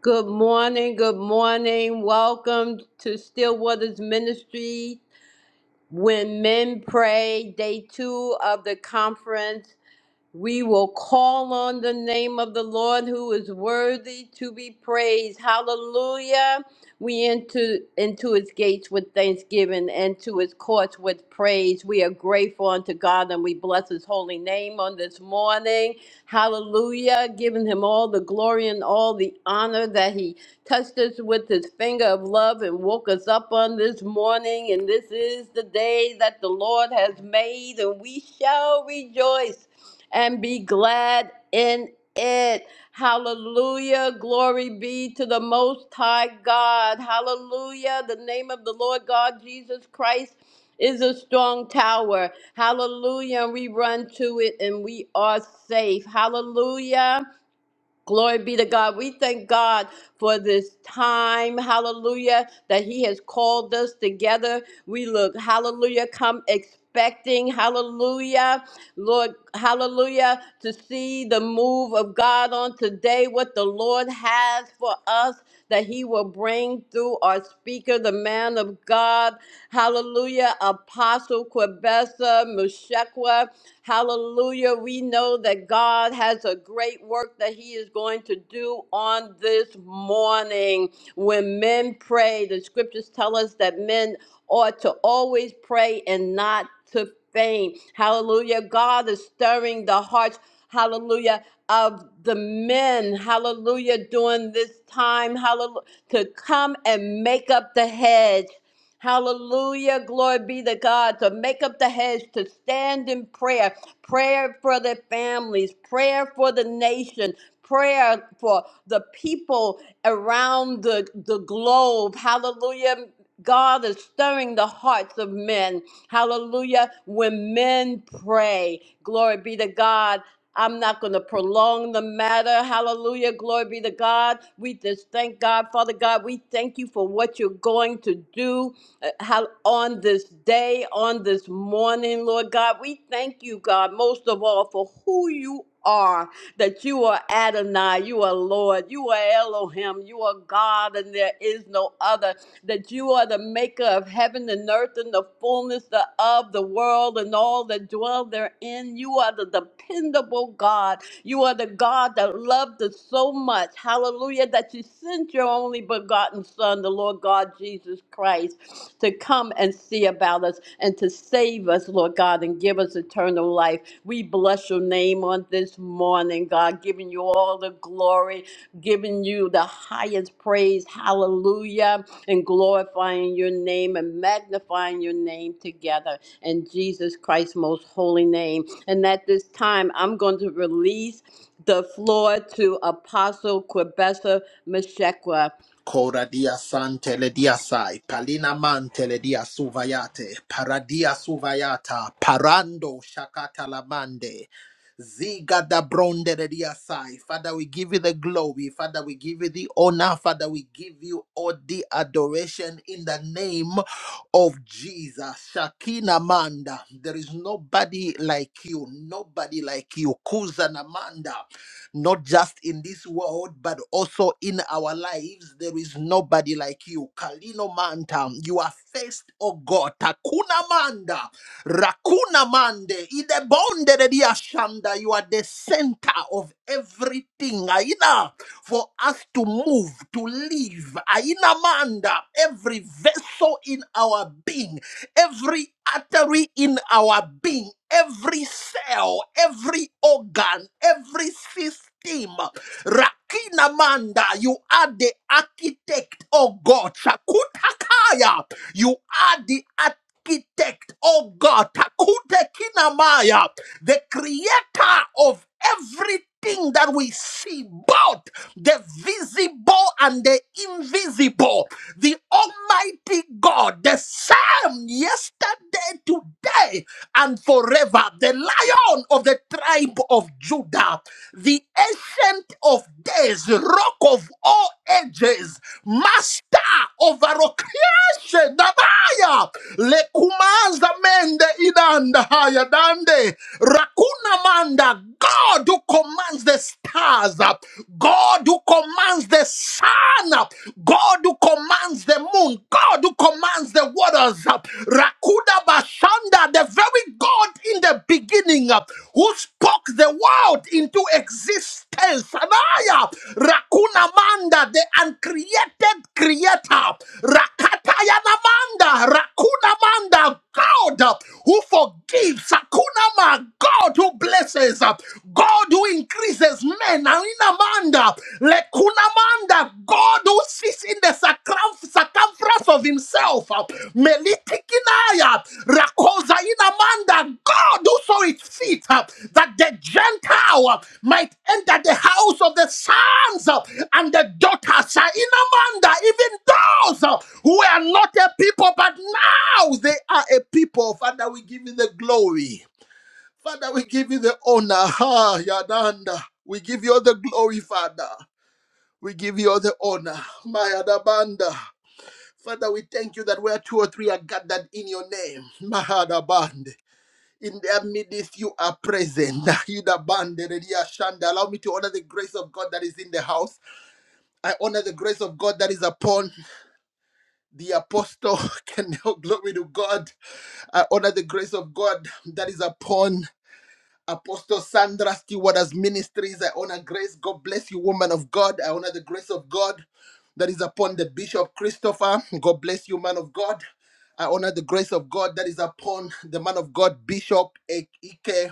Good morning, good morning. Welcome to Stillwater's Ministry. When Men Pray, day two of the conference. We will call on the name of the Lord who is worthy to be praised. Hallelujah. We enter into his gates with thanksgiving and to his courts with praise. We are grateful unto God and we bless his holy name on this morning. Hallelujah. Giving him all the glory and all the honor that he touched us with his finger of love and woke us up on this morning. And this is the day that the Lord has made, and we shall rejoice and be glad in it. Hallelujah. Glory be to the Most High God. Hallelujah. The name of the Lord God Jesus Christ is a strong tower. Hallelujah. And we run to it and we are safe. Hallelujah. Glory be to God. We thank God for this time, hallelujah, that He has called us together. We look, hallelujah, come expecting, hallelujah, Lord, hallelujah, to see the move of God on today, what the Lord has for us, that He will bring through our speaker, the man of God, hallelujah, Apostle Quebessa, Mushekwa. Hallelujah. We know that God has a great work that He is going to do on this morning. When men pray, the scriptures tell us that men ought to always pray and not to faint. Hallelujah. God is stirring the hearts. Hallelujah. Of the men, hallelujah, during this time, hallelujah, to come and make up the hedge. Hallelujah. Glory be to God to make up the heads, to stand in prayer, prayer for their families, prayer for the nation, prayer for the people around the, the globe. Hallelujah. God is stirring the hearts of men. Hallelujah. When men pray, glory be to God. I'm not going to prolong the matter. Hallelujah. Glory be to God. We just thank God, Father God. We thank you for what you're going to do uh, how on this day, on this morning, Lord God. We thank you, God, most of all for who you are, that you are Adonai, you are Lord, you are Elohim, you are God, and there is no other, that you are the maker of heaven and earth and the fullness of the world and all that dwell therein. You are the dependable God. You are the God that loved us so much. Hallelujah. That you sent your only begotten Son, the Lord God Jesus Christ, to come and see about us and to save us, Lord God, and give us eternal life. We bless your name on this morning, God, giving you all the glory giving you the highest praise, hallelujah, and glorifying your name and magnifying your name together in Jesus Christ's most holy name. And at this time, I'm going to release the floor to Apostle Quibessa Meshekwa. Kora dia san dia sai, palina man tele dia suvayate, paradia suvayata, parando shakata lamande, ziga da bronde de dia sai. Father, we give you the glory. Father, we give you the honor. Father, we give you all the adoration in the name of Jesus. Shakina manda, there is nobody like you, nobody like you. Kuza namanda not just in this world, but also in our lives. There is nobody like you. Kalino Manta, you are first, oh God. Takuna Manda, Rakuna Mande, Ide Bonde de Dia Shanda, you are the center of everything. Aina, for us to move, to live. Aina Manda, every vessel in our being, every artery in our being every cell, every organ, every system. Rakina Manda, you are the architect, oh God. Shakutakaya, you are the architect, oh God. Takutekinamaya, the creator of Everything that we see, both the visible and the invisible, the Almighty God, the same yesterday, today, and forever, the Lion of the tribe of Judah, the Ancient of Days, Rock of all ages, Master over all creation, Namaya, Lekumanza Inde idanda haya dande rakuna manda. God who commands the stars, uh, God who commands the sun, uh, God who commands the moon, God who commands the waters, uh, Rakuda Bashanda, the very God in the beginning uh, who spoke the world into existence El Shaddai, Rakuna Manda, the uncreated creator, Rakatayana Manda, Rakuna Manda, God who forgives, Sakuna Ma, God who blesses, God who increases men, Arina Manda, Lekuna Manda, God who sits in the circumference Thrust of himself, uh, Melitikinaya, Rakosa Inamanda, God who saw it fit uh, that the Gentile uh, might enter the house of the sons uh, and the daughters, uh, Inamanda, even those uh, who are not a people, but now they are a people. Father, we give you the glory. Father, we give you the honor. Ha, Yadanda. We give you all the glory, Father. We give you all the honor. My Adabanda. Father, we thank you that where two or three are gathered in your name, Mahadaband. In their midst, you are present. Nahidaband, Eredia Shanda. Allow me to honor the grace of God that is in the house. I honor the grace of God that is upon the apostle. Can now glory to God. I honor the grace of God that is upon Apostle Sandra Stewardess Ministries. I honor grace. God bless you, woman of God. I honor the grace of God that is upon the Bishop Christopher. God bless you, man of God. I honor the grace of God that is upon the man of God, Bishop Ike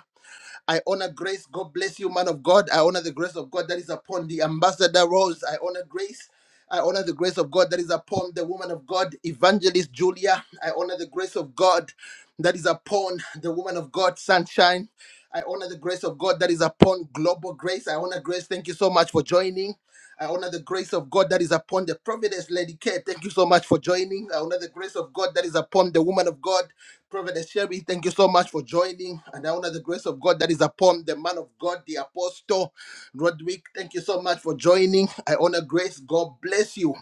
I honor grace. God bless you, man of God. I honor the grace of God that is upon the ambassador Rose. I honor grace. I honor the grace of God that is upon the woman of God, Evangelist Julia. I honor the grace of God that is upon the woman of God, Sunshine. I honor the grace of God that is upon Global Grace. I honor grace. Thank you so much for joining. I honor the grace of God that is upon the prophetess Lady Care. Thank you so much for joining. I honor the grace of God that is upon the woman of God, Prophetess Sherry. Thank you so much for joining. And I honor the grace of God that is upon the man of God, the apostle, Rodwick. Thank you so much for joining. I honor grace. God bless you.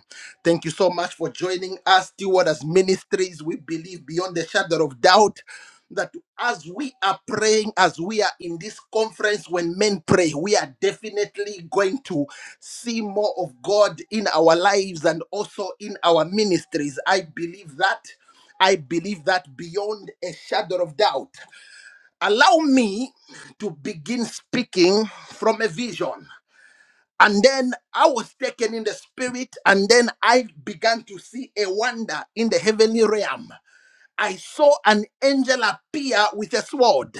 Thank you so much for joining us, Stewardess Ministries. We believe beyond the shadow of doubt that as we are praying, as we are in this conference, when men pray, we are definitely going to see more of God in our lives and also in our ministries. I believe that. I believe that beyond a shadow of doubt. Allow me to begin speaking from a vision. And then I was taken in the spirit, and then I began to see a wonder in the heavenly realm. I saw an angel appear with a sword.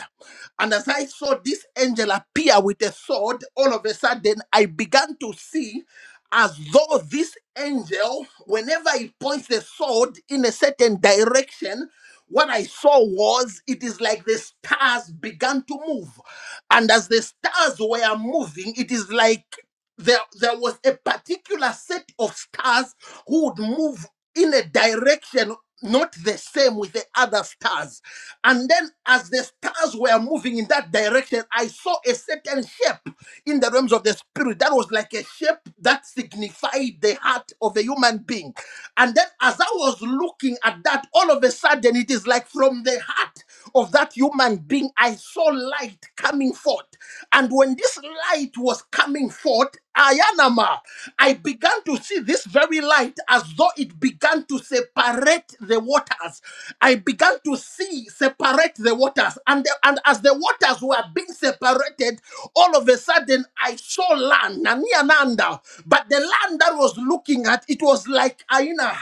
And as I saw this angel appear with a sword, all of a sudden I began to see as though this angel, whenever he points the sword in a certain direction, what I saw was it is like the stars began to move. And as the stars were moving, it is like there, there was a particular set of stars who would move in a direction not the same with the other stars. And then, as the stars were moving in that direction, I saw a certain shape in the realms of the spirit that was like a shape that signified the heart of a human being. And then, as I was looking at that, all of a sudden, it is like from the heart of that human being, I saw light coming forth. And when this light was coming forth, Ayanama, I began to see this very light as though it began to separate the waters. I began to see separate the waters. And, the- and as the waters were being separated, all of a sudden I saw land, Naniananda. But the land that was looking at, it was like Aina.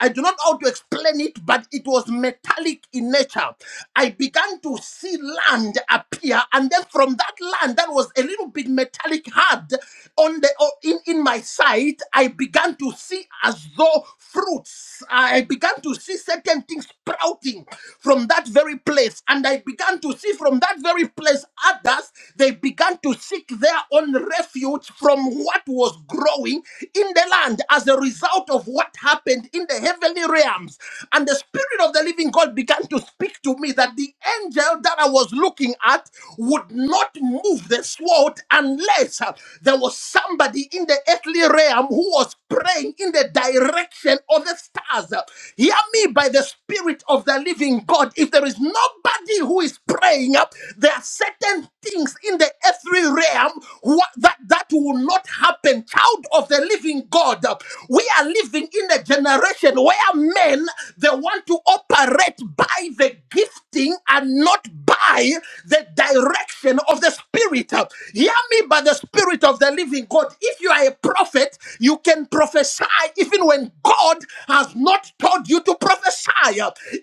I do not know how to explain it, but it was metallic in nature. I began to see land appear, and then from that land that was a little bit metallic hard on the or in, in my sight, I began to see as though fruits. I began to see certain things sprouting from that very place, and I began to see from that very place others. They began to seek their own refuge from what was growing in the land as a result result of what happened in the heavenly realms. And the Spirit of the living God began to speak to me that the angel that I was looking at would not move the sword unless uh, there was somebody in the earthly realm who was praying in the direction of the stars. Uh, Hear me by the Spirit of the living God. If there is nobody who is praying, uh, there are certain things in the earthly realm what, that, that will not happen. Child of the the living God. We are living in a generation where men they want to operate by the gifting and not by the direction of the spirit. Hear me by the spirit of the living God. If you are a prophet, you can prophesy even when God has not told you to prophesy.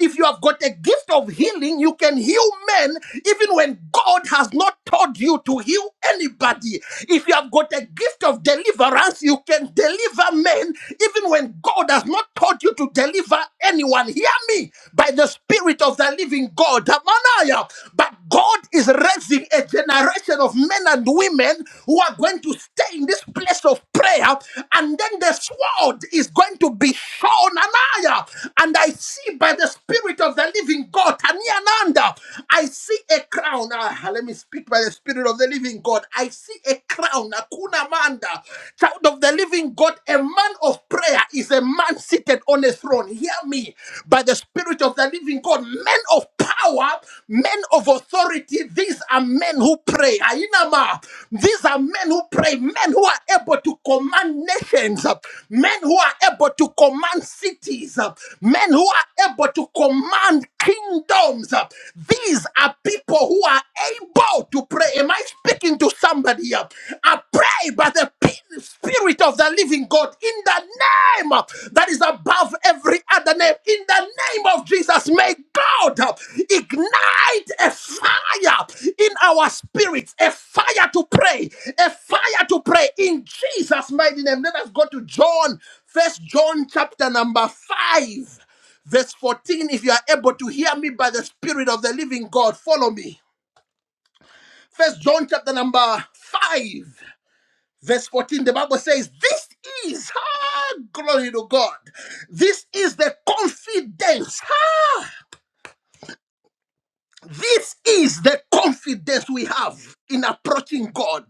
If you have got a gift of healing, you can heal men even when God has not told you to heal anybody. If you have got a gift of deliverance, you can deliver men even when God has not taught you to deliver anyone. Hear me by the Spirit of the living God. Tamanaya. But God is raising a generation of men and women who are going to stay in this place of prayer, and then the sword is going to be shown. Anaya. And I see by the Spirit of the living God, Taniananda, I see a crown. Ah, let me speak by the Spirit. Spirit of the Living God. I see a crown, a kuna manda, child of the Living God. A man of prayer is a man seated on a throne. Hear me, by the Spirit of the Living God, men of power, men of authority. These are men who pray. Ainama. These are men who pray, men who are able to command nations, men who are able to command cities, men who are able to command kingdoms. These are people who are being bold to pray. Am I speaking to somebody here? I pray by the p- Spirit of the living God in the name uh, that is above every other name. In the name of Jesus, may God uh, ignite a fire in our spirits, a fire to pray, a fire to pray in Jesus' mighty name. Let us go to John, First John chapter number 5 verse 14 if you are able to hear me by the spirit of the living god follow me First John chapter number 5, verse 14, the Bible says, This is ah, glory to God. This is the confidence. This is the confidence we have in approaching God.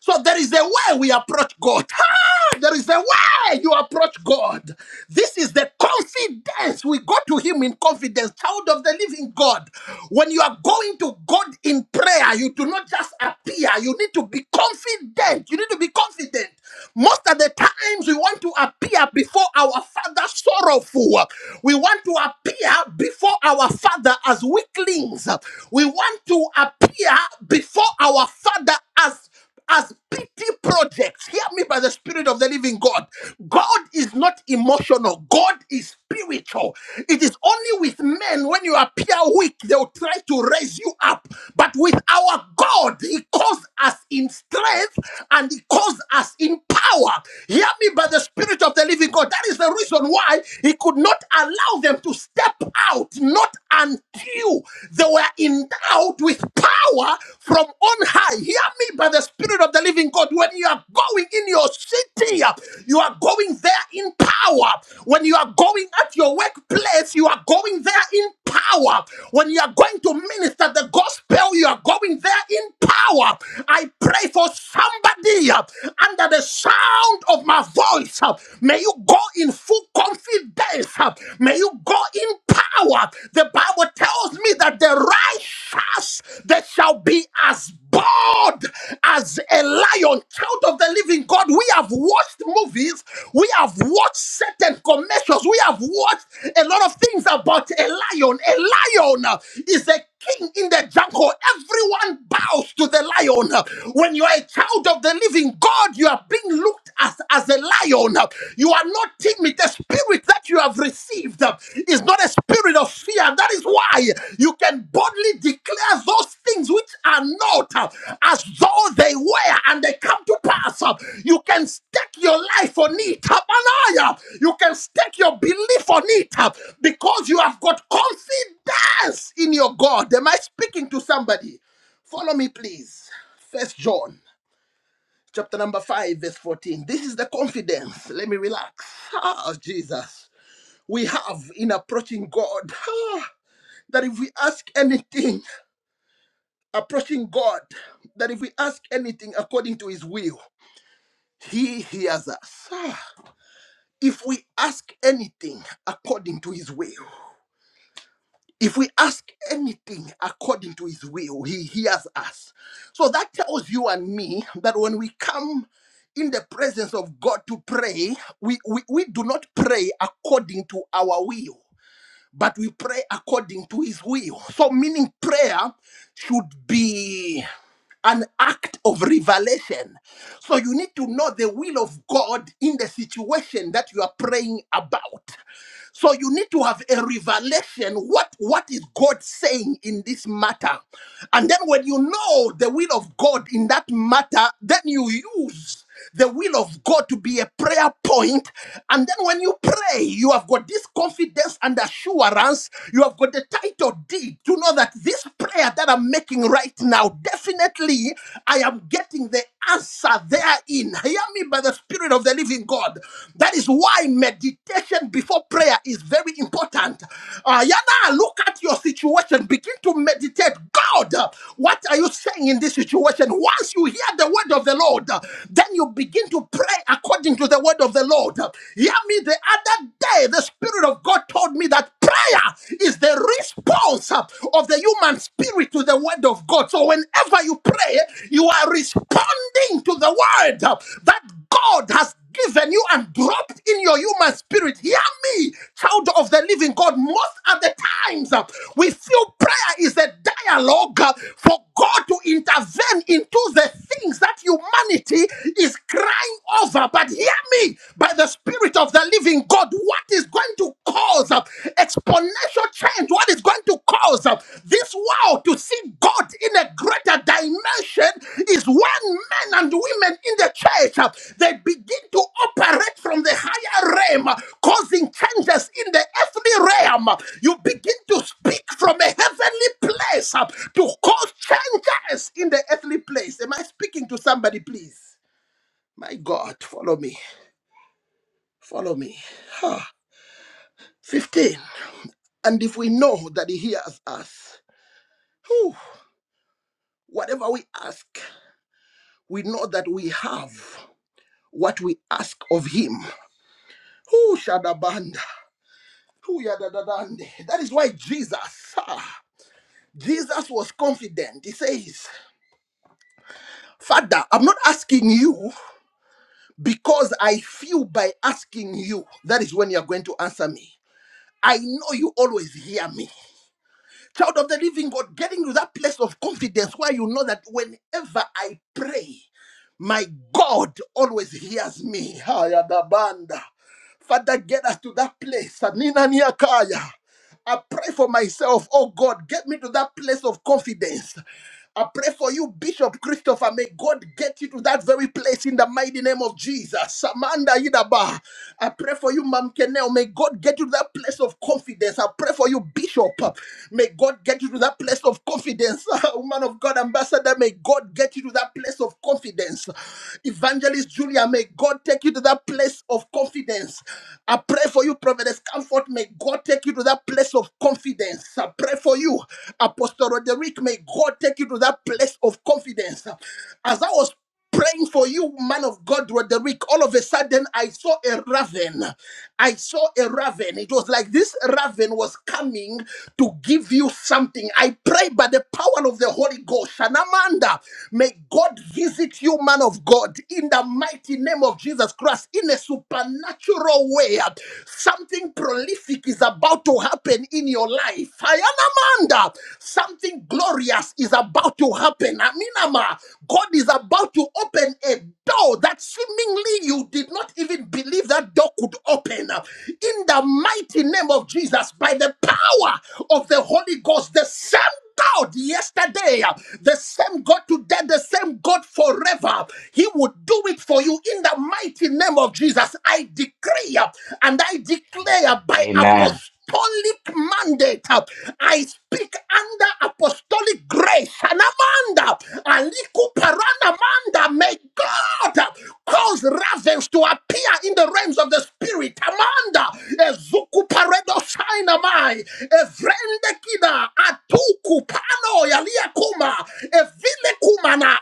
So there is a way we approach God. Ah, there is a way you approach God. This is the confidence we go to Him in confidence, child of the living God. When you are going to God in prayer, you do not just appear. You need to be confident. You need to be confident. Most of the times we want to appear before our father sorrowful. We want to appear before our father as weaklings. We want to appear before our father as as pity projects. Hear me by the Spirit of the Living God. God is not emotional, God is spiritual. It is only with men when you appear weak, they will try to raise you up. But with our God, He calls us in strength and He calls use us in power. Hear me by the Spirit of the living God. That is the reason why he could not allow them to step out, not until they were endowed with power from on high. Hear me by the Spirit of the living God. When you are going in your city, you are going there in power. When you are going at your workplace, you are going there in power. When you are going to minister the gospel, you are going there in power. I pray for somebody me uh, under the sound of my voice. uh, May you go in full confidence. uh, May you go in power. The Bible tells me that the righteous they shall be as bold as a lion. Child of the living God, we have watched movies, we have watched certain commercials, we have watched a lot of things about a lion. A lion uh, is a king in the jungle. Everyone bows to the lion. When you are a child child of the living God, you are being looked at as a lion. You are not timid. The spirit that you have received is not a spirit of fear. That is why you can boldly declare those things which are not as though they were and they come to pass. You can stake your life on it. Amanaya. You can stake your belief on it because you have got confidence in your God. Am I speaking to somebody? Follow me, please. First John chapter number 5, verse 14. This is the confidence. Let me relax. Ah, Jesus. We have in approaching God ah, that if we ask anything, approaching God, that if we ask anything according to his will, he hears us. Ah, If we ask anything according to his will, If we ask anything according to his will, he hears us. So that tells you and me that when we come in the presence of God to pray, we, we, we do not pray according to our will, but we pray according to his will. So, meaning prayer should be an act of revelation. So you need to know the will of God in the situation that you are praying about. So you need to have a revelation what what is God saying in this matter. And then when you know the will of God in that matter, then you use the will of God to be a prayer point. And then when you pray, you have got this confidence and assurance. You have got the title deed to know that this prayer that I'm making right now, definitely I am getting the answer there in. Hear me by the Spirit of the living God. That is why meditation before prayer is very important. Uh, Yana, look at your situation. Begin to meditate. God, uh, what are you saying in this situation? Once you hear the word of the Lord, uh, then you begin to pray according to the word of the Lord. Uh, Hear me. The other day, the Spirit of God told me that prayer is the response response uh, of the human spirit to the word of God. So whenever you pray, you are responding to the word uh, that God has given you and dropped in your human spirit. Hear me, child of the living God. Most of the times, uh, we feel prayer is a dialogue uh, for God to intervene into the things that humanity is crying over. But hear me, by the Spirit of the living God, what is going to cause uh, exponential change? What is going to cause uh, this world to see God in a greater dimension is when men and women in the church uh, they begin to operate from the higher realm, uh, causing changes in the earthly realm. You begin to speak from a heavenly place uh, to cause changes in the earthly place. Am I speaking to somebody, please? My God, follow me. Follow me. 15. And if we know that He hears us, whew, whatever we ask, we know that we have what we ask of Him. Whew, shadabanda. Whew, yadadadande. That is why Jesus, ah, Jesus was confident. He says, Father, I'm not asking you because I feel by asking you. That is when you are going to answer me. I know you always hear me. Child of the living God, getting to that place of confidence where you know that whenever I pray, my God always hears me. Hayadabanda. Father, get us to that place. Nina Niakaya. I pray for myself. Oh God, get me to that place of confidence. I pray for you, Bishop Christopher. May God get you to that very place in the mighty name of Jesus. Samanda Yidaba. I pray for you, Mam Kenel. May God get you to that place of confidence. I pray for you, Bishop. May God get you to that place of confidence. Woman of God, Ambassador, may God get you to that place of confidence. Evangelist Julia, may God take you to that place of confidence. I pray for you, Providence Comfort. May God take you to that place place of confidence. I pray for you, Apostle Roderick. May God take you to that place of confidence. As I was praying for you, man of God, Roderick, all of a sudden I saw a raven. I saw a raven. It was like this raven was coming to give you something. I pray by the power of the Holy Ghost. And Amanda, may God visit you, man of God, in the mighty name of Jesus Christ, in a supernatural way. Something prolific is about to happen happen in your life. Ayanamanda, something glorious is about to happen. Aminama, God is about to open a door that seemingly you did not even believe that door could open. In the mighty name of Jesus, by the power of the Holy Ghost, the same God yesterday, the same God today, the same God forever. He would do it for you in the mighty name of Jesus. I decree and I declare by Amen. apostle apostolic mandate. I speak under apostolic grace. and Anamanda, Aliku Paranamanda, may God cause ravens to appear in the realms of the spirit. Amanda, Ezuku Paredo Sinamai, Evrende Kida, Atuku Pano Yalia Kuma, Evile Kumana,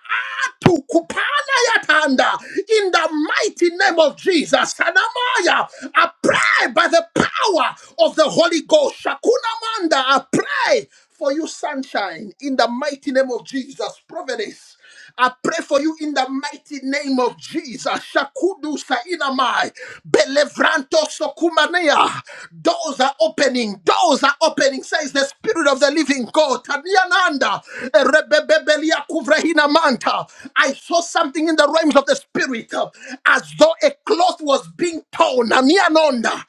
Atuku Pana Yatanda, in the mighty name of Jesus. Anamaya, I pray by the power of of the Holy Ghost. Shakuna Manda, I pray for you, sunshine, in the mighty name of Jesus. Providence. I pray for you in the mighty name of Jesus. Shakudu Sainamai. Belevranto Sokumanea. Doors are opening. Doors are opening. Says the Spirit of the Living God. Taniananda. Erebebebelia kuvrehina manta. I saw something in the realms of the Spirit uh, as though a cloth was being torn. Anianonda.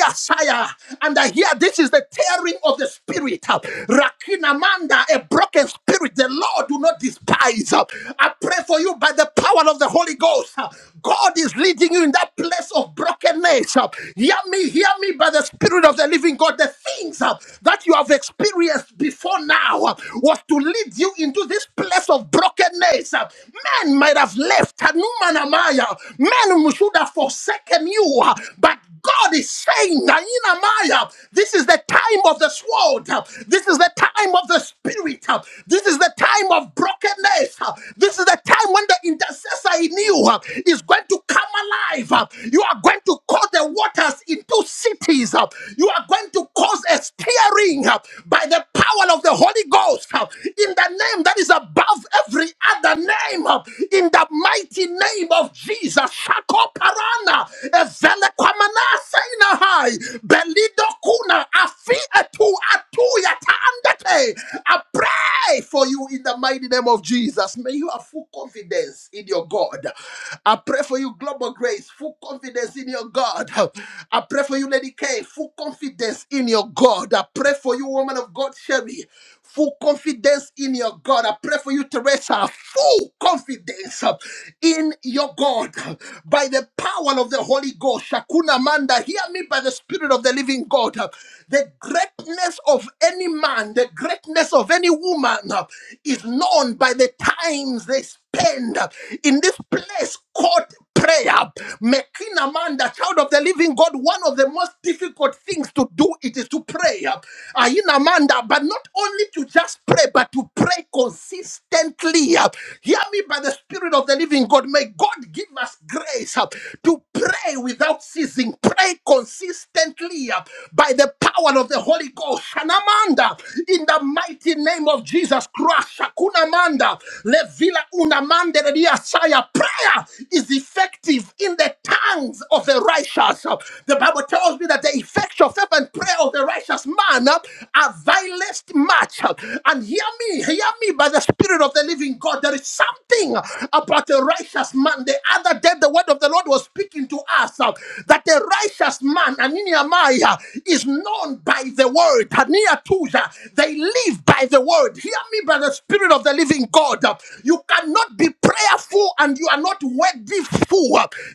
Asaya. And I hear this is the tearing of the spirit. Rakinamanda, a broken spirit, the Lord do not despise. I pray for you by the power of the Holy Ghost. God is leading you in that place of brokenness. Hear me, hear me by the Spirit of the Living God. The things uh, that you have experienced before now uh, was to lead you into this place of brokenness. Uh, Men might have left. Hanuman Men should have forsaken you, uh, but God is saying, Nainamaya, this is the time of the sword. This is the time of the spirit. This is the time of brokenness. This is the time when the intercessor in you is going to come alive. You are going to call the waters into cities. You are going to cause a stirring by the power of the Holy Ghost in the name that is above every other name. In the mighty name of Jesus. Shakoparana saina hai belido kuna afi etu atu yata andate. I pray for you in the mighty name of Jesus. May you have full confidence in your God. I pray for you, Global Grace, full confidence in your God. I pray for you, Lady K, full confidence in your God. I pray for you, woman of God, Sherry full confidence in your God. I pray for you, Teresa, full confidence uh, in your God uh, by the power of the Holy Ghost. Shakuna Manda, hear me by the Spirit of the living God. uh, The greatness of any man, the greatness of any woman uh, is known by the times they spend uh, in this place called prayer. Making a man, the child of the living God, one of the most difficult things to do it is to pray. Ayinamanda, that, but not only to just pray, but to pray consistently. Uh, Hear me by the Spirit of the Living God. May God give us grace uh, to pray without ceasing, pray consistently uh, by the power of the Holy Ghost. Shanamanda, in the mighty name of Jesus Christ. Shakunamanda, Levila Unamande Saya. Prayer is effective in the tongues of the righteous. Uh, The Bible tells me that the effectual fervent prayer of the righteous man uh, uh, our vilest match. uh, And hear me, hear me by the Spirit of the living God. There is something uh, about a righteous man. The other day, the word of the Lord was speaking to us uh, that a righteous man, Aniniamaya, is known by the word. Aniatuja, They live by the word. Hear me by the Spirit of the living God. uh, You cannot be prayerful and you are not worthy full.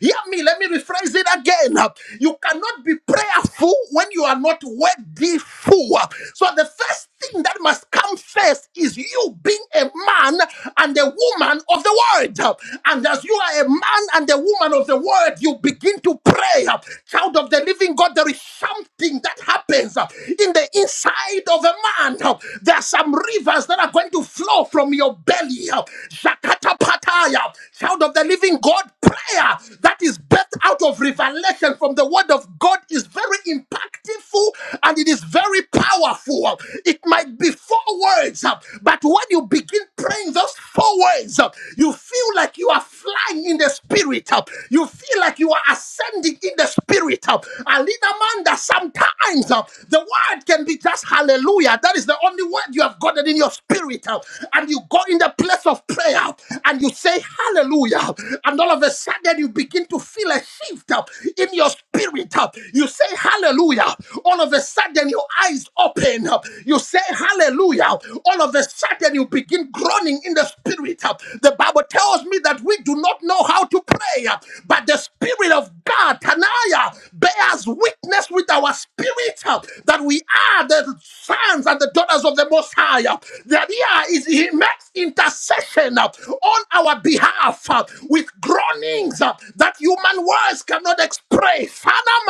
Hear me, let me rephrase it again. You cannot be prayerful when you are not worthy be full. So the first thing that must come first is you being a man and a woman of the word. And as you are a man and a woman of the word, you begin to pray. Child of the living God, there is something that happens in the inside of a man. There are some rivers that are going to flow from your belly. Shakata pataya. Child of the living God, prayer that is birthed out of revelation from the word of God is very impactful and it is very powerful. It might be four words, uh, but when you begin praying those four words, uh, you feel like you are flying in the spirit. uh, You feel like you are ascending in the spirit. uh, And in Amanda, sometimes uh, the word can be just hallelujah. That is the only word you have gotten in your spirit. uh, And you go in the place of prayer and you say hallelujah and all of a sudden you begin to feel a shift uh, in your spirit. uh, You say hallelujah. All of a sudden your eyes open. uh, You say hallelujah. All of a sudden you begin groaning in the spirit. uh, The Bible tells me that we do not know how to pray, uh, but the spirit of God, Tanaya, bears witness with our spirit uh, that we are the sons and the daughters of the Most High. The idea is He makes intercession uh, on our behalf laugh uh, with groanings uh, that human words cannot express. Father,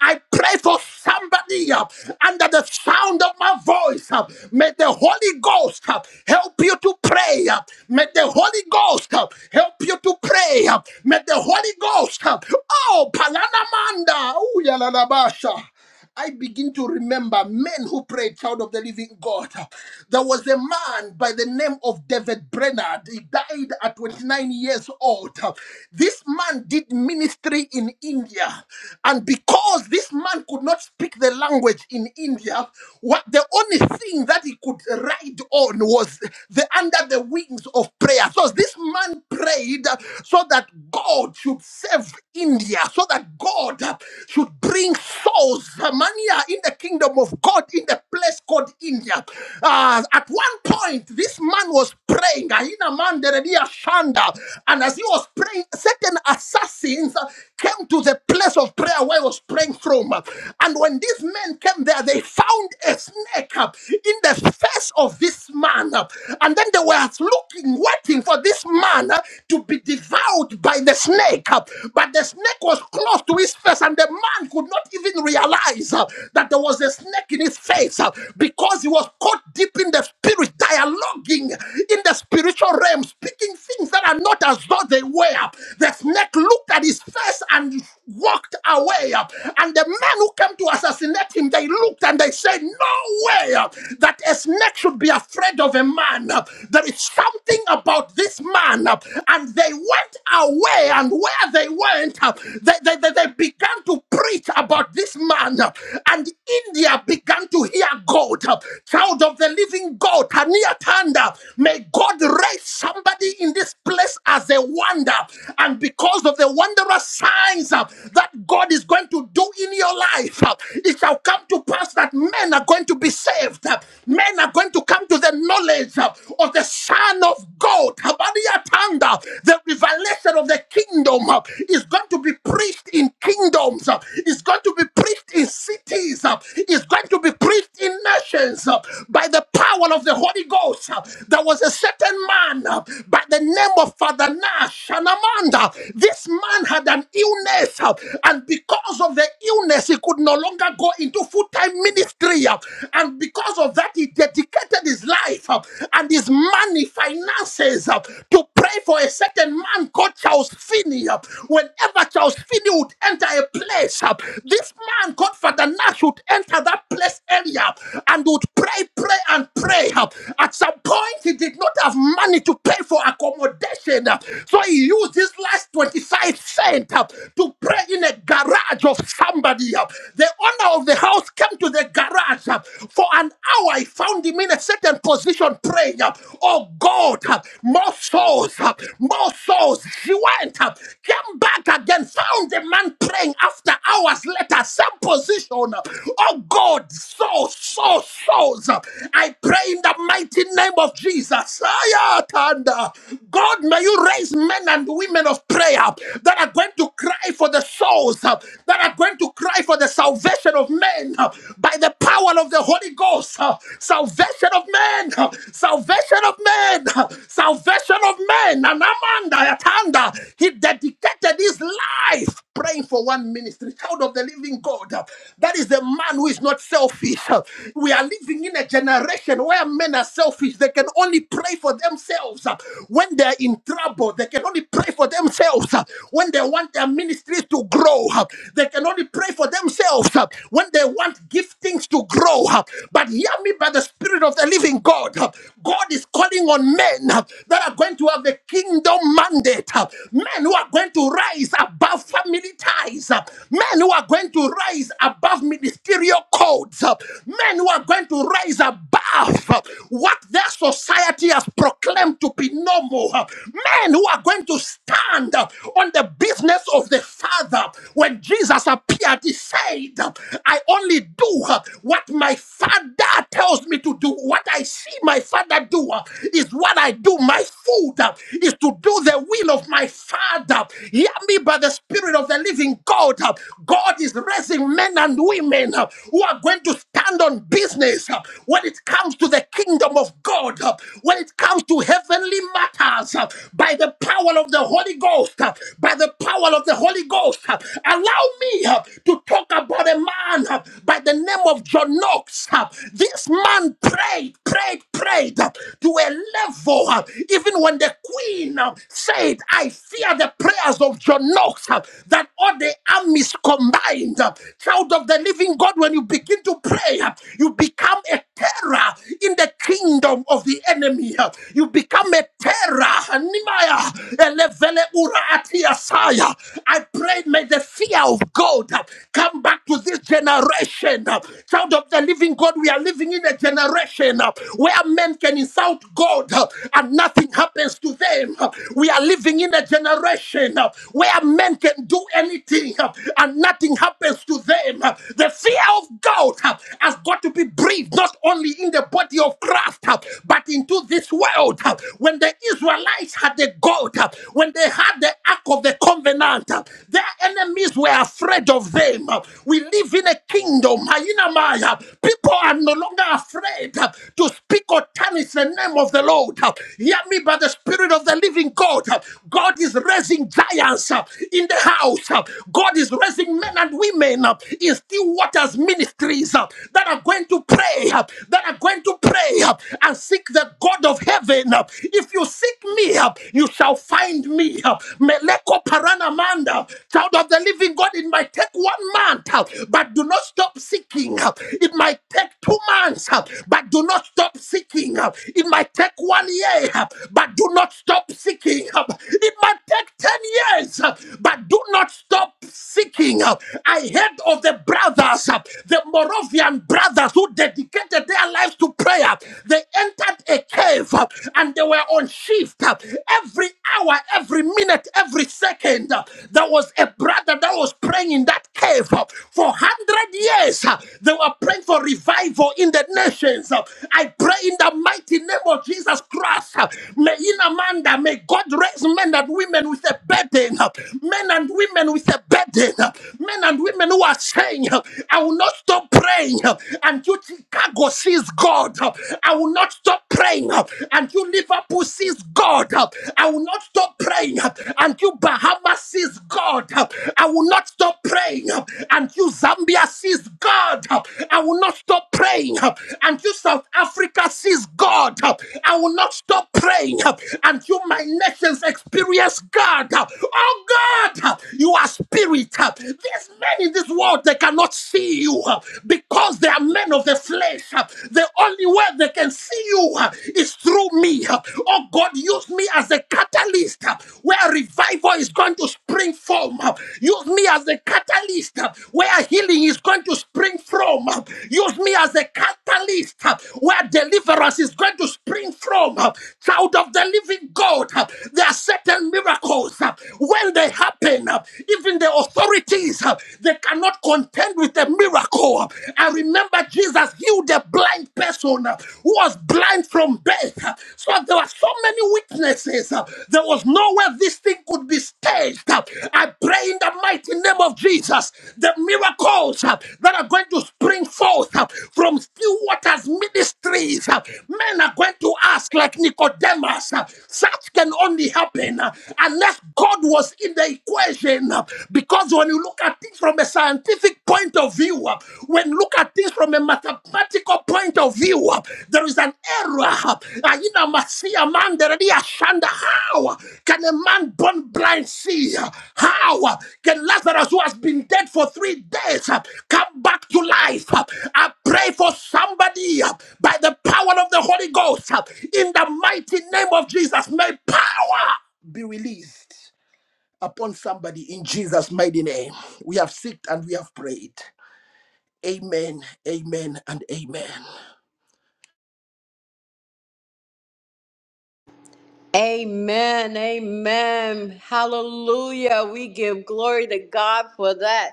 I pray for somebody uh, under the sound of my voice. uh, May the Holy Ghost uh, help you to pray. uh, May the Holy Ghost uh, help you to pray. uh, May the Holy Ghost, uh, oh, Palanamanda, ooh, yalalabasha. I begin to remember men who prayed, child of the living God. There was a man by the name of David Brenard. He died at 29 years old. This man did ministry in India. And because this man could not speak the language in India, what the only thing that he could ride on was the under the wings of prayer. So this man prayed so that God should save India, so that God should bring souls to Samaria in the kingdom of God in the place called India. Uh, at one point, this man was praying, Ahina Manderedia Shanda, and as he was praying, certain assassins came to the place of prayer where he was praying from. And when these men came there, they found a snake uh, in the face of this man. uh, And then they were looking, waiting for this man uh, to be devoured by the snake. uh, But the snake was close to his face, and the man could not even realize uh, that there was a snake in his face uh, because he was caught deep in the spirit, dialoguing in the spiritual realm, speaking things that are not as though they were. The snake looked at his face and walked away. uh, And the men who came to assassinate him, they looked and they said, No way uh, that a snake should be afraid of a man. Uh, There is something about this man. uh, And they went away, and where they went, uh, they, they, they they began to preach about this man, uh, and India began to hear God, uh, child of the living God, Tania Tanda. May God raise somebody in this place as a wonder, and because of the wondrous signs uh, that God is going to do in your life, uh, it shall come to pass that men are going to be saved, uh, men are going to come to the knowledge uh, of the Son of God, Habaria Tanda, the revelation of the kingdom uh, is going to be preached in kingdoms. uh, It's going going to be preached in cities. uh, It's going to be preached in nations uh, by the power of the Holy Ghost. uh. There was a certain man uh, by the name of Father Nash and Amanda. This man had an illness, uh, and because of the illness, he could no longer go into full time ministry. uh, And because of that, he dedicated his life uh, and his money, finances uh, to pray for a certain man called Charles Finney. uh. Whenever Charles Finney would enter a place, uh, this man called Father Nash would enter that place area and would pray, pray, and pray. At some point, he did not have money to pay for accommodation. So he used his last 25 cents to pray in a garage of somebody. The owner of the house came to the garage. For an hour, I found him in a certain position praying. Oh God, more souls, more souls. She went, came back again, found the man praying after hours later, same position. Oh God, so, so, souls. I pray in the mighty name of Jesus. Ayatanda. God, may you raise men and women of prayer that are going to cry for the souls, that are going to cry for the salvation of men by the power of the Holy Ghost. Salvation of men, salvation of men, salvation of men. And Amanda, Ayatanda, he dedicated his life praying for one minute ministry, child of the living God. That is the man who is not selfish. We are living in a generation where men are selfish. They can only pray for themselves. When they're in trouble, they can only pray for themselves. When they want their ministries to grow, they can only pray for themselves. When they want giftings to grow. But hear me by the Spirit of the living God. God is calling on men that are going to have a kingdom mandate. Men who are going to rise above family ties uh, men who are going to rise above ministerial codes, uh, men who are going to rise above uh, what their society has proclaimed to be normal, uh, men who are going to stand uh, on the business of the Father. When Jesus appeared, he said, uh, I only do uh, what my Father tells me to do. What I see my Father do uh, is what I do. My food uh, is to do the will of my Father. Hear me by the Spirit of the living God. uh, God is raising men and women uh, who are going to stand on business uh, when it comes to the kingdom of God, uh, when it comes to heavenly matters, uh, by the power of the Holy Ghost, uh, by the power of the Holy Ghost. uh, Allow me uh, to talk about a man uh, by the name of John Knox. uh, This man prayed, prayed, prayed uh, to a level, uh, even when the queen uh, said, I fear the prayers of John Knox, uh, that all the armies combined. Child of the living God, when you begin to pray, you become a terror in the kingdom of the enemy. You become a terror. Nehemiah, elevele ura atia saya. I pray, may the fear of God come back to this generation. Child of the living God, we are living in a generation where men can insult God and nothing happens to them. We are living in a generation where men can do anything uh, and nothing happens to them. Uh, The fear of God uh, has got to be breathed not only in the body of Christ, uh, but into this world. Uh, When the Israelites had the God, uh, when they had the Ark of the Covenant, uh, their enemies were afraid of them. Uh, We live in a kingdom. Ayinamaya. People are no longer afraid uh, to speak or tarnish the name of the Lord. Uh, Hear me by the Spirit of the living God. Uh, God is raising giants uh, in the house house. uh, God is raising men and women uh, in still waters ministries uh, that are going to pray, uh, that are going to pray uh, and seek the God of heaven. uh, If you seek me, uh, you shall find me. uh, Meleko paranamanda, child of the living God, it might take one month, uh, but do not stop seeking. uh, It might take two months, uh, but do not stop seeking. uh, It might take one year, uh, but do not stop seeking. uh, It might take 10 years, uh, but do not stop seeking. Uh, I heard of the brothers, uh, the Moravian brothers who dedicated their lives to prayer. They entered a cave uh, and they were on shift. Uh, Every hour, every minute, every second, uh, there was a brother that was praying in that cave uh, for 100 years. Uh, They were praying for revival in the nations. Uh, I pray in the mighty name of Jesus Christ, uh, may in Amanda, may God raise men and women with a burden, uh, men and women with a burden, uh, men and women who are saying, uh, I will not stop praying uh, until Chicago sees God. uh, I will not stop praying uh, until Liverpool sees God. uh, I will not stop praying uh, until Bahamas sees God. uh, I will not stop praying uh, until Zambia Nigeria sees God, I will not stop praying. Until South Africa sees God, I will not stop praying. Until my nations experience God. Oh God, you are spirit. These men in this world, they cannot see you because they are men of the flesh. The only way they can see you is through me. Oh God, use me as a catalyst where revival revival is going to spring from. Use me as the catalyst uh, where healing is going to spring from. Use me as a catalyst uh, where deliverance is going to spring from. Child of the living God, uh, there are certain miracles. uh, When they happen, uh, even the authorities, uh, they cannot contend with the miracle. I remember Jesus healed a blind person uh, who was blind time from birth. uh, So there were so many witnesses. uh, There was nowhere this thing could be staged. uh, I pray in the mighty name of Jesus, the miracles uh, that are going to spring forth uh, from still waters ministries. uh, Men are going to ask, like Nicodemus, uh, such can only happen uh, unless God was in the equation. uh, Because when you look at things from a scientific point of view, view, uh, when look at things from a mathematical point of view, uh, there is an error. uh, Aina masia manderedi ashanda. How can a man born blind see? uh, How uh, can Lazarus, who has been dead for three days, uh, come back to life? uh? I pray for somebody uh, by the power of the Holy Ghost uh, in the mighty name of Jesus. May power be released upon somebody in Jesus' mighty name. We have seeked and we have prayed. Amen, amen, and amen. Amen. Amen. Hallelujah. We give glory to God for that.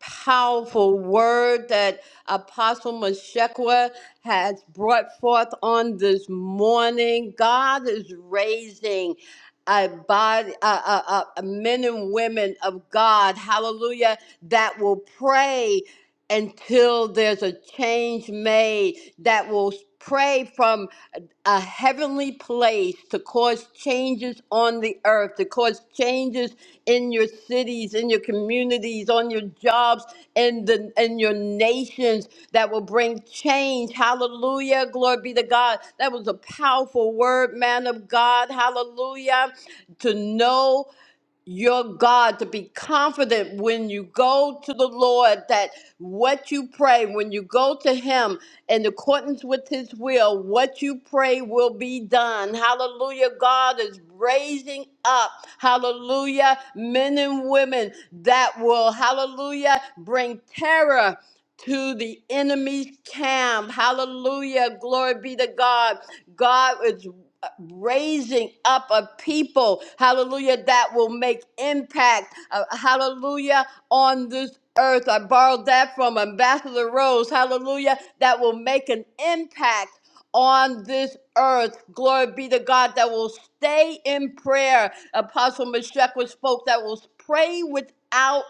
powerful word that Apostle Meshekwa has brought forth on this morning. God is raising a body, a, a, a- a men and women of God, hallelujah, that will pray until there's a change made, that will pray from a heavenly place to cause changes on the earth, to cause changes in your cities, in your communities, on your jobs, in the in your nations that will bring change. Hallelujah. Glory be to God. That was a powerful word, man of God. Hallelujah. To know your God to be confident when you go to the Lord that what you pray, when you go to Him in accordance with His will, what you pray will be done. Hallelujah. God is raising up, hallelujah, men and women that will, hallelujah, bring terror. To the enemy's camp. Hallelujah. Glory be to God. God is raising up a people, hallelujah, that will make impact, uh, hallelujah, on this earth. I borrowed that from Ambassador Rose, hallelujah, that will make an impact on this earth. Glory be to God that will stay in prayer. Apostle Meshach was spoke that will pray without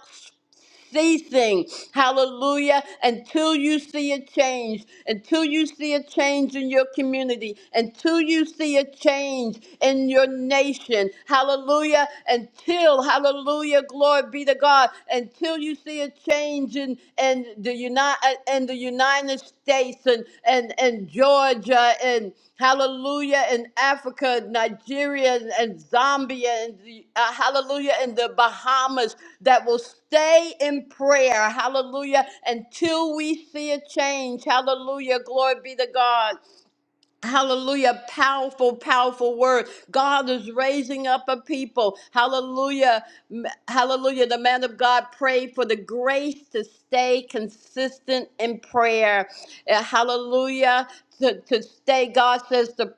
see things. Hallelujah. Until you see a change, until you see a change in your community, until you see a change in your nation. Hallelujah. Until, hallelujah, glory be to God. Until you see a change in, in the United in the United States and, and, and Georgia and Hallelujah in Africa, Nigeria, and Zambia, and the, uh, hallelujah in the Bahamas that will stay in prayer. Hallelujah until we see a change. Hallelujah. Glory be to God. Hallelujah. Powerful, powerful word. God is raising up a people. Hallelujah. M- Hallelujah. The man of God prayed for the grace to stay consistent in prayer. Uh, Hallelujah. To, to stay, God says, to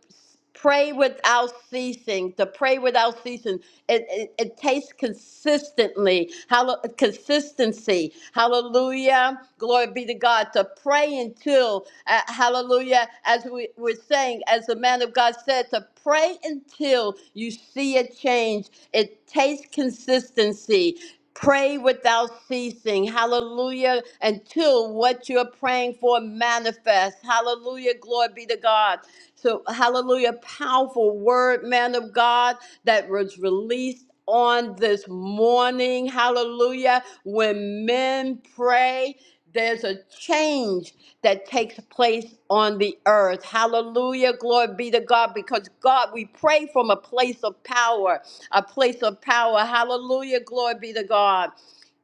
pray without ceasing, to pray without ceasing. It, it, it takes consistently, hallo- consistency. Hallelujah. Glory be to God. To pray until uh, hallelujah. As we were saying, as the man of God said, to pray until you see a change. It takes consistency. Pray without ceasing. Hallelujah. Until what you're praying for manifests. Hallelujah. Glory be to God. So, hallelujah. Powerful word, man of God, that was released on this morning. Hallelujah. When men pray, there's a change that takes place on the earth. Hallelujah. Glory be to God. Because God, we pray from a place of power, a place of power. Hallelujah. Glory be to God.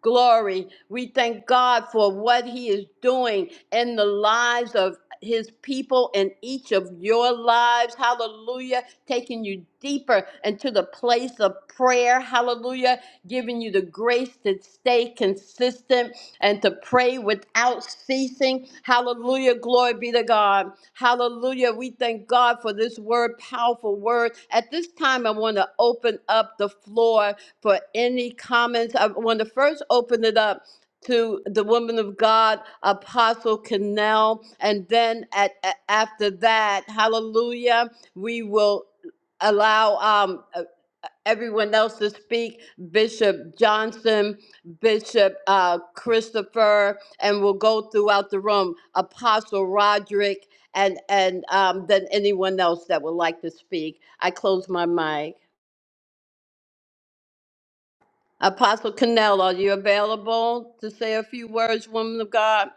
Glory. We thank God for what He is doing in the lives of His people and each of your lives. Hallelujah. Taking you deeper into the place of prayer. Hallelujah. Giving you the grace to stay consistent and to pray without ceasing. Hallelujah. Glory be to God. Hallelujah. We thank God for this word, powerful word. At this time, I want to open up the floor for any comments. I want to first open it up to the woman of God, Apostle Cannell. And then at, a- after that, hallelujah, we will allow um, uh, everyone else to speak. Bishop Johnson, Bishop uh, Christopher, and we'll go throughout the room, Apostle Roderick, and, and um, then anyone else that would like to speak. I close my mic. Apostle Cannell, are you available to say a few words, woman of God?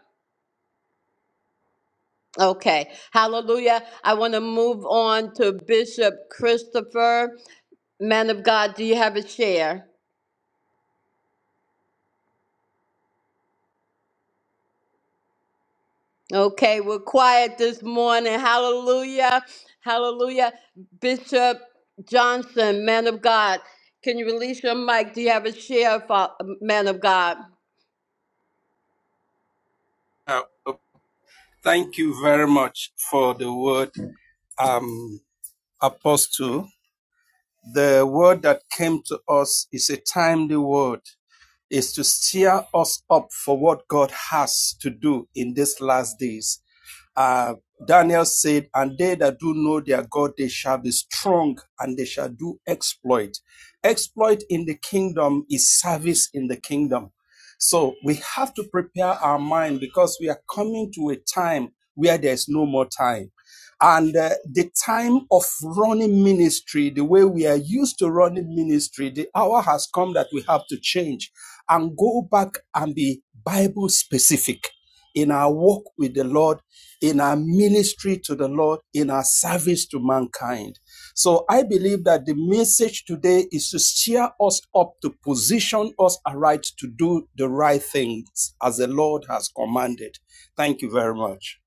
Okay, hallelujah. I want to move on to Bishop Christopher. Man of God, do you have a share? Okay, we're quiet this morning. Hallelujah. Hallelujah. Bishop Johnson, man of God, can you release your mic? Do you have a share, fa- man of God? Uh, thank you very much for the word, um, Apostle. The word that came to us is a timely word, is to steer us up for what God has to do in these last days uh, Daniel said, And they that do know their God, they shall be strong and they shall do exploit. Exploit in the kingdom is service in the kingdom. So we have to prepare our mind because we are coming to a time where there's no more time. And uh, the time of running ministry, the way we are used to running ministry, the hour has come that we have to change and go back and be Bible specific in our walk with the Lord in our ministry to the Lord, in our service to mankind. So I believe that the message today is to steer us up to position us aright to do the right things as the Lord has commanded. Thank you very much.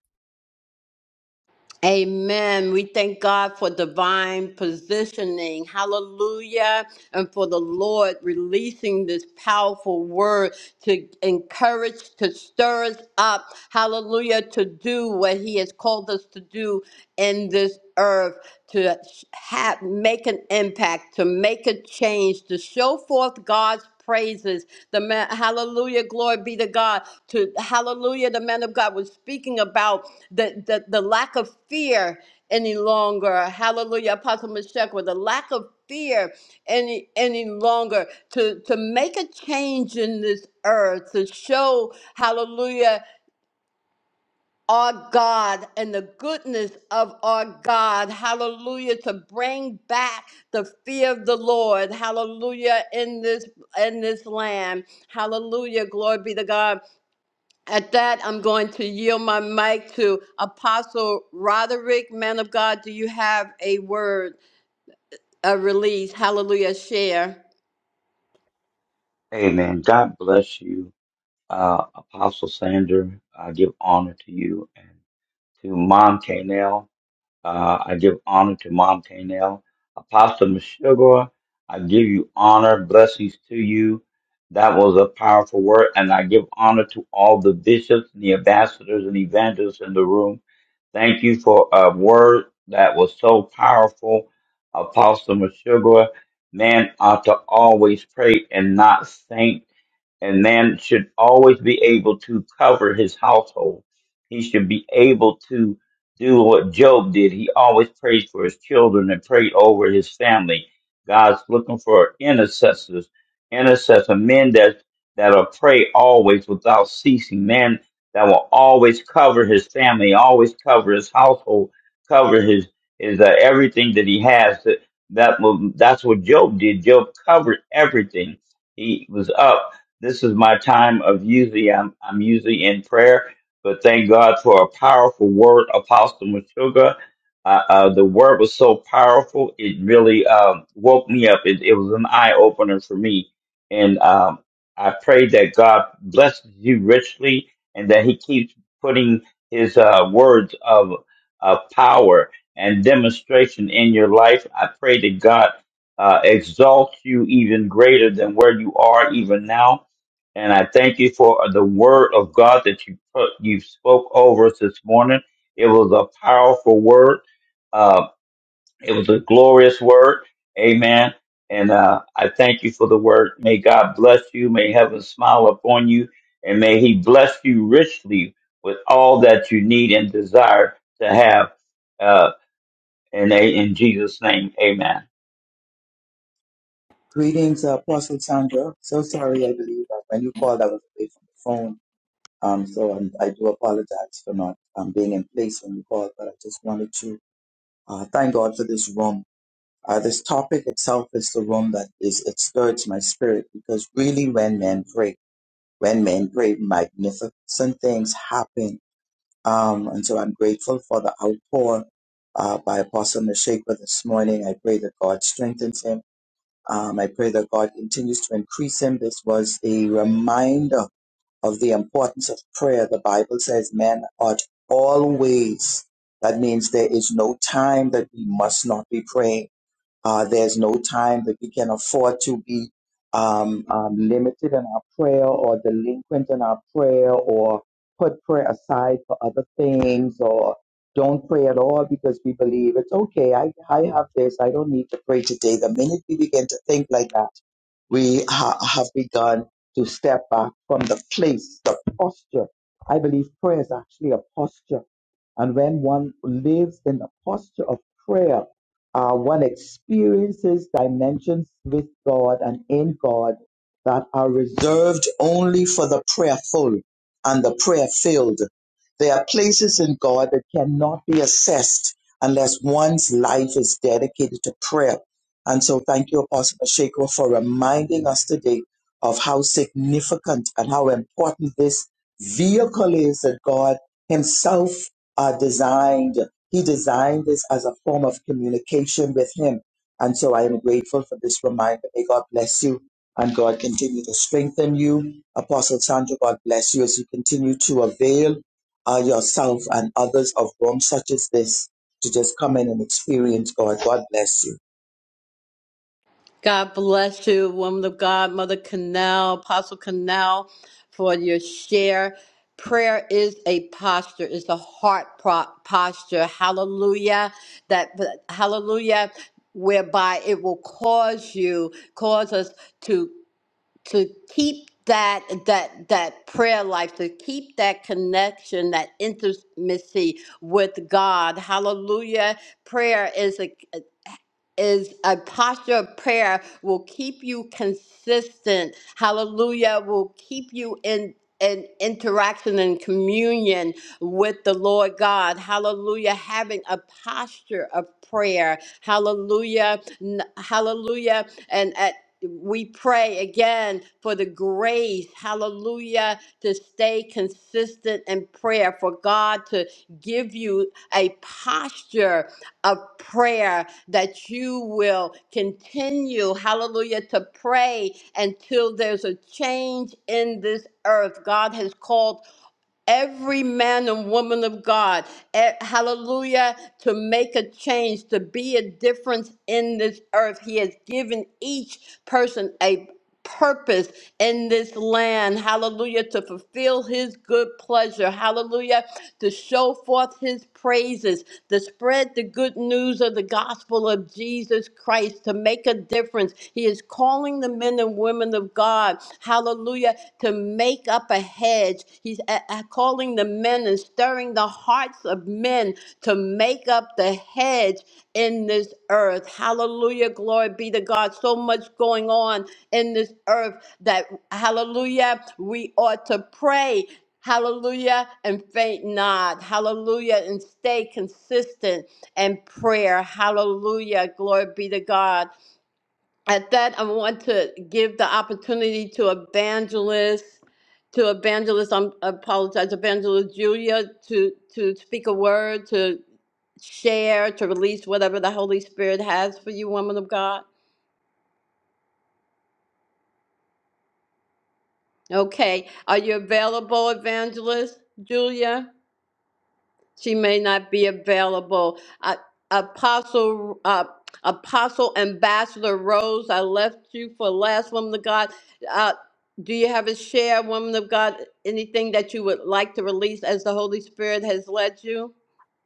Amen. We thank God for divine positioning. Hallelujah. And for the Lord releasing this powerful word to encourage, to stir us up. Hallelujah. To do what He has called us to do in this earth. to have make an impact, to make a change, to show forth God's praises. The man, hallelujah, glory be to God. To hallelujah, the man of God was speaking about the the, the lack of fear any longer. Hallelujah, Apostle Meshach, the lack of fear any any longer to to make a change in this earth to show hallelujah our God and the goodness of our God. Hallelujah. To bring back the fear of the Lord. Hallelujah. In this in this land. Hallelujah. Glory be to God. At that, I'm going to yield my mic to Apostle Roderick. Man of God, do you have a word, a release? Hallelujah. Share. Amen. God bless you, uh, Apostle Sandra. I give honor to you and to Mom Kanell. Uh, I give honor to Mom Canel. Apostle Meshuggah, I give you honor, blessings to you. That was a powerful word, and I give honor to all the bishops and the ambassadors and evangelists in the room. Thank you for a word that was so powerful, Apostle Meshuggah. Man ought to always pray and not faint and man should always be able to cover his household. He should be able to do what Job did. He always prayed for his children and prayed over his family. God's looking for intercessors, intercessor men that that'll pray always without ceasing, men that will always cover his family, always cover his household, cover his is uh, everything that he has. That, that will- that's what Job did. Job covered everything he was up. This is my time of usually I'm I'm usually in prayer, but thank God for a powerful word, Apostle Machuga. Uh, uh, the word was so powerful; it really um, woke me up. It, it was an eye opener for me, and um, I pray that God blesses you richly, and that He keeps putting His uh, words of of power and demonstration in your life. I pray that God uh, exalts you even greater than where you are even now and I thank you for the word of God that you put, you spoke over us this morning. It was a powerful word. Uh, it was a glorious word. Amen. And uh, I thank you for the word. May God bless you. May heaven smile upon you, and may He bless you richly with all that you need and desire to have. Uh, and a- in Jesus' name, Amen. Greetings, uh, Apostle Sandra. So sorry, I believe that when you called, I was away from the phone. Um, so I'm, I do apologize for not um, being in place when you called, but I just wanted to uh, thank God for this room. Uh, this topic itself is the room that is, it stirs my spirit because really when men pray, when men pray, magnificent things happen. Um, and so I'm grateful for the outpour uh, by Apostle Meshachar this morning. I pray that God strengthens him um, I pray that God continues to increase him. This was a reminder of the importance of prayer. The Bible says men ought always. That means there is no time that we must not be praying. Uh, there's no time that we can afford to be um, um, limited in our prayer or delinquent in our prayer or put prayer aside for other things or don't pray at all because we believe it's okay. I, I have this. I don't need to pray today. The minute we begin to think like that, we ha- have begun to step back from the place, the posture. I believe prayer is actually a posture. And when one lives in the posture of prayer, uh, one experiences dimensions with God and in God that are reserved only for the prayerful and the prayer filled. There are places in God that cannot be assessed unless one's life is dedicated to prayer. And so thank you, Apostle Shako, for reminding us today of how significant and how important this vehicle is that God Himself uh, designed. He designed this as a form of communication with Him. And so I am grateful for this reminder. May God bless you and God continue to strengthen you. Apostle Sandra, God bless you as you continue to avail uh, yourself and others of rooms such as this to just come in and experience God. God bless you. God bless you, woman of God, Mother Canal, Apostle Canal, for your share. Prayer is a posture, it's a heart pro- posture. Hallelujah. That hallelujah, whereby it will cause you, cause us to to keep that that that prayer life to keep that connection that intimacy with god hallelujah prayer is a is a posture of prayer will keep you consistent hallelujah will keep you in in interaction and communion with the Lord God. Hallelujah. Having a posture of prayer. Hallelujah. N- Hallelujah we pray again for the grace, hallelujah, to stay consistent in prayer, for God to give you a posture of prayer that you will continue, hallelujah, to pray until there's a change in this earth. God has called every man and woman of God, eh, hallelujah, to make a change, to be a difference in this earth. He has given each person a purpose in this land, hallelujah, to fulfill his good pleasure, hallelujah, To to show forth his praises, to spread the good news of the gospel of Jesus Christ, to make a difference. He is calling the men and women of God, hallelujah, to make up a hedge. He's uh, uh, calling the men and stirring the hearts of men to make up the hedge in this earth. Hallelujah. Glory be to God. So much going on in this earth that, hallelujah, we ought to pray. Hallelujah. And faint not. Hallelujah. And stay consistent in prayer. Hallelujah. Glory be to God. At that, I want to give the opportunity to evangelist, to evangelist, I'm, I apologize, evangelist Julia to, to speak a word, to share, to release whatever the Holy Spirit has for you, woman of God. Okay. Are you available, evangelist Julia? She may not be available. Uh, Apostle, uh, Apostle Ambassador Rose, I left you for last, woman of God. Uh, do you have a share, woman of God? Anything that you would like to release as the Holy Spirit has led you?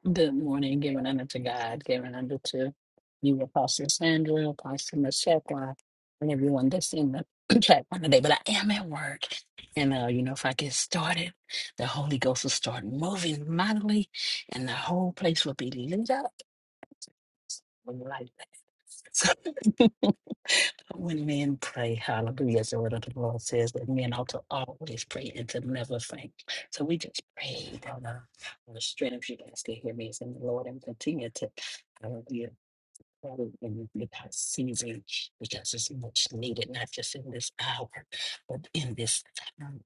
Good morning, giving unto to God, giving unto to you, Apostle Sandra, Apostle Meshekwa, and everyone that's in the chat on today. But I am at work. And, uh, you know, if I get started, the Holy Ghost will start moving mightily, and the whole place will be lit up. So when men pray, hallelujah, as the word of the Lord says, that men ought to always pray and to never faint. So we just prayed on the, on the strength of you guys to hear me is in the Lord and continue to, hallelujah. pray In without season, because it's much needed, not just in this hour, but in this time.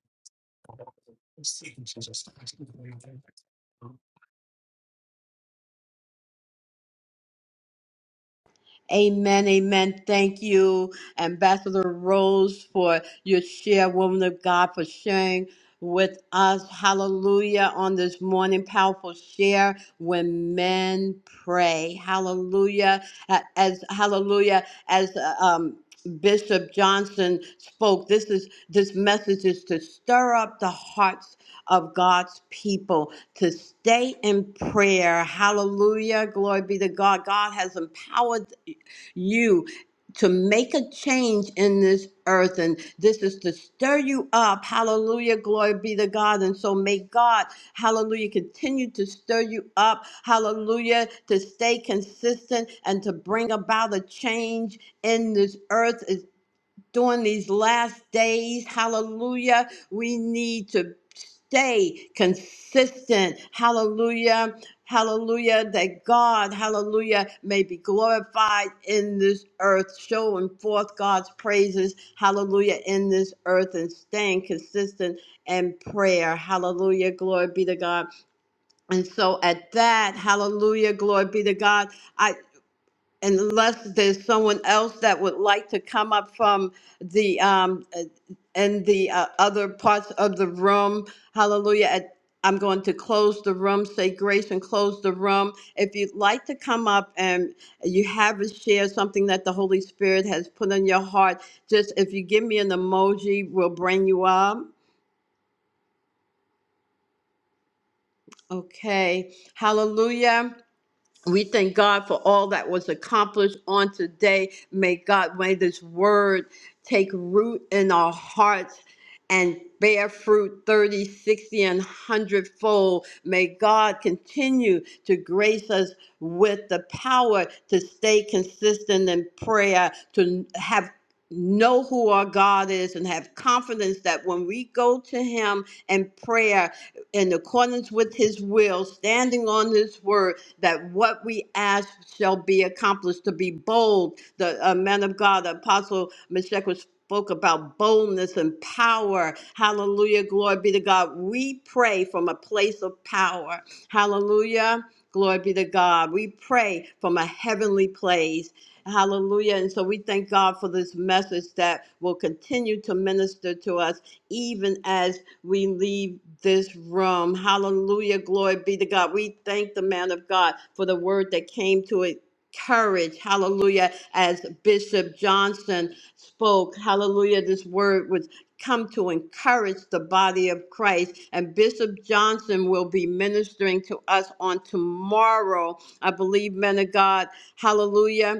Amen, amen. Thank you, Ambassador Rose, for your share, woman of God, for sharing with us. Hallelujah. On this morning, powerful share when men pray. Hallelujah. A- As hallelujah, as uh, um Bishop Johnson spoke. This is this message is to stir up the hearts of God's people to stay in prayer. Hallelujah. Glory be to God. God has empowered you to make a change in this earth. And this is to stir you up. Hallelujah. Glory be to God. And so may God, hallelujah, continue to stir you up. Hallelujah. To stay consistent and to bring about a change in this earth during these last days. Hallelujah. We need to stay consistent. Hallelujah. Hallelujah. That God, hallelujah, may be glorified in this earth, showing forth God's praises. Hallelujah. In this earth and staying consistent in prayer. Hallelujah. Glory be to God. And so at that, hallelujah. Glory be to God. I unless there's someone else that would like to come up from the um uh, and the uh, other parts of the room hallelujah At- i'm going to close the room say grace and close the room if you'd like to come up and you have a share something that the holy spirit has put on your heart just if you give me an emoji we'll bring you up okay hallelujah We thank God for all that was accomplished on today. May God, may this word take root in our hearts and bear fruit 30, 60, and 100 fold. May God continue to grace us with the power to stay consistent in prayer, to have know who our God is and have confidence that when we go to him in prayer in accordance with his will, standing on his word, that what we ask shall be accomplished to be bold the uh, man of god the apostle Meshach was spoke about boldness and power hallelujah glory be to god we pray from a place of power hallelujah glory be to god we pray from a heavenly place Hallelujah. And so we thank God for this message that will continue to minister to us, even as we leave this room. Hallelujah. Glory be to God. We thank the man of God for the word that came to it. Courage, hallelujah, as Bishop Johnson spoke, hallelujah. This word was come to encourage the body of Christ, and Bishop Johnson will be ministering to us on tomorrow. I believe, men of God, hallelujah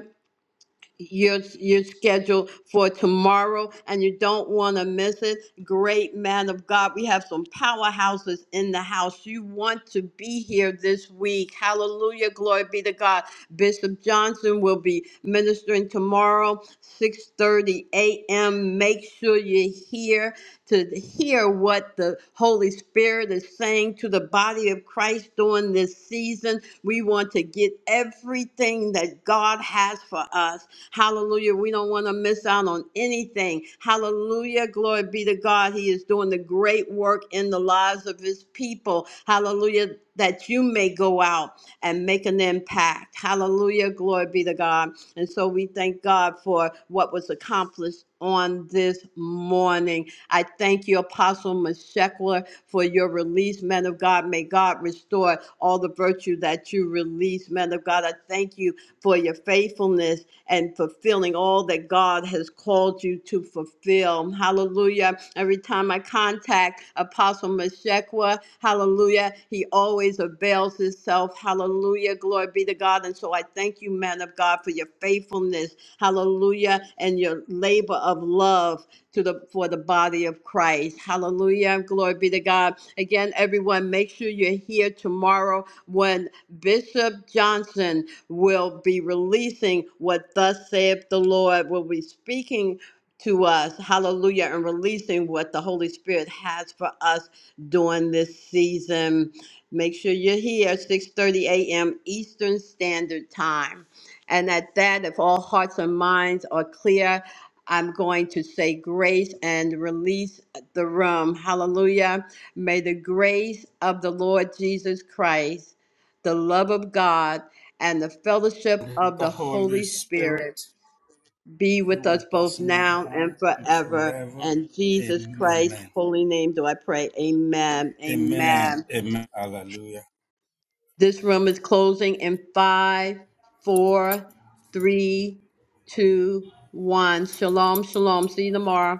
your your schedule for tomorrow and you don't want to miss it great man of god we have some powerhouses in the house you want to be here this week hallelujah glory be to god bishop johnson will be ministering tomorrow 6:30 a.m. make sure you're here to hear what the holy spirit is saying to the body of christ during this season we want to get everything that god has for us Hallelujah. We don't want to miss out on anything. Hallelujah. Glory be to God. He is doing the great work in the lives of his people. Hallelujah. That you may go out and make an impact. Hallelujah. Glory be to God. And so we thank God for what was accomplished on this morning. I thank you, Apostle Meshekler, for your release, men of God. May God restore all the virtue that you release, men of God. I thank you for your faithfulness and fulfilling all that God has called you to fulfill. Hallelujah. Every time I contact Apostle Meshekwa, hallelujah, he always avails himself. Hallelujah. Glory be to God. And so I thank you, man of God, for your faithfulness. Hallelujah. And your labor of love to the for the body of Christ. Hallelujah. Glory be to God. Again, everyone, make sure you're here tomorrow when Bishop Johnson will be releasing what thus saith the Lord, will be speaking to us, hallelujah, and releasing what the Holy Spirit has for us during this season. Make sure you're here, 6:30 a.m. Eastern Standard Time. And at that, if all hearts and minds are clear, I'm going to say grace and release the room. Hallelujah. May the grace of the Lord Jesus Christ the love of God, and the fellowship of The the Holy Holy Spirit, Spirit be you with us with both us now now and and forever. forever. And Jesus Amen. Christ's Amen. holy name do I pray. Amen. Amen. Amen. Amen. Hallelujah. This room is closing in five, four, three, two, one. Shalom, shalom. See you tomorrow.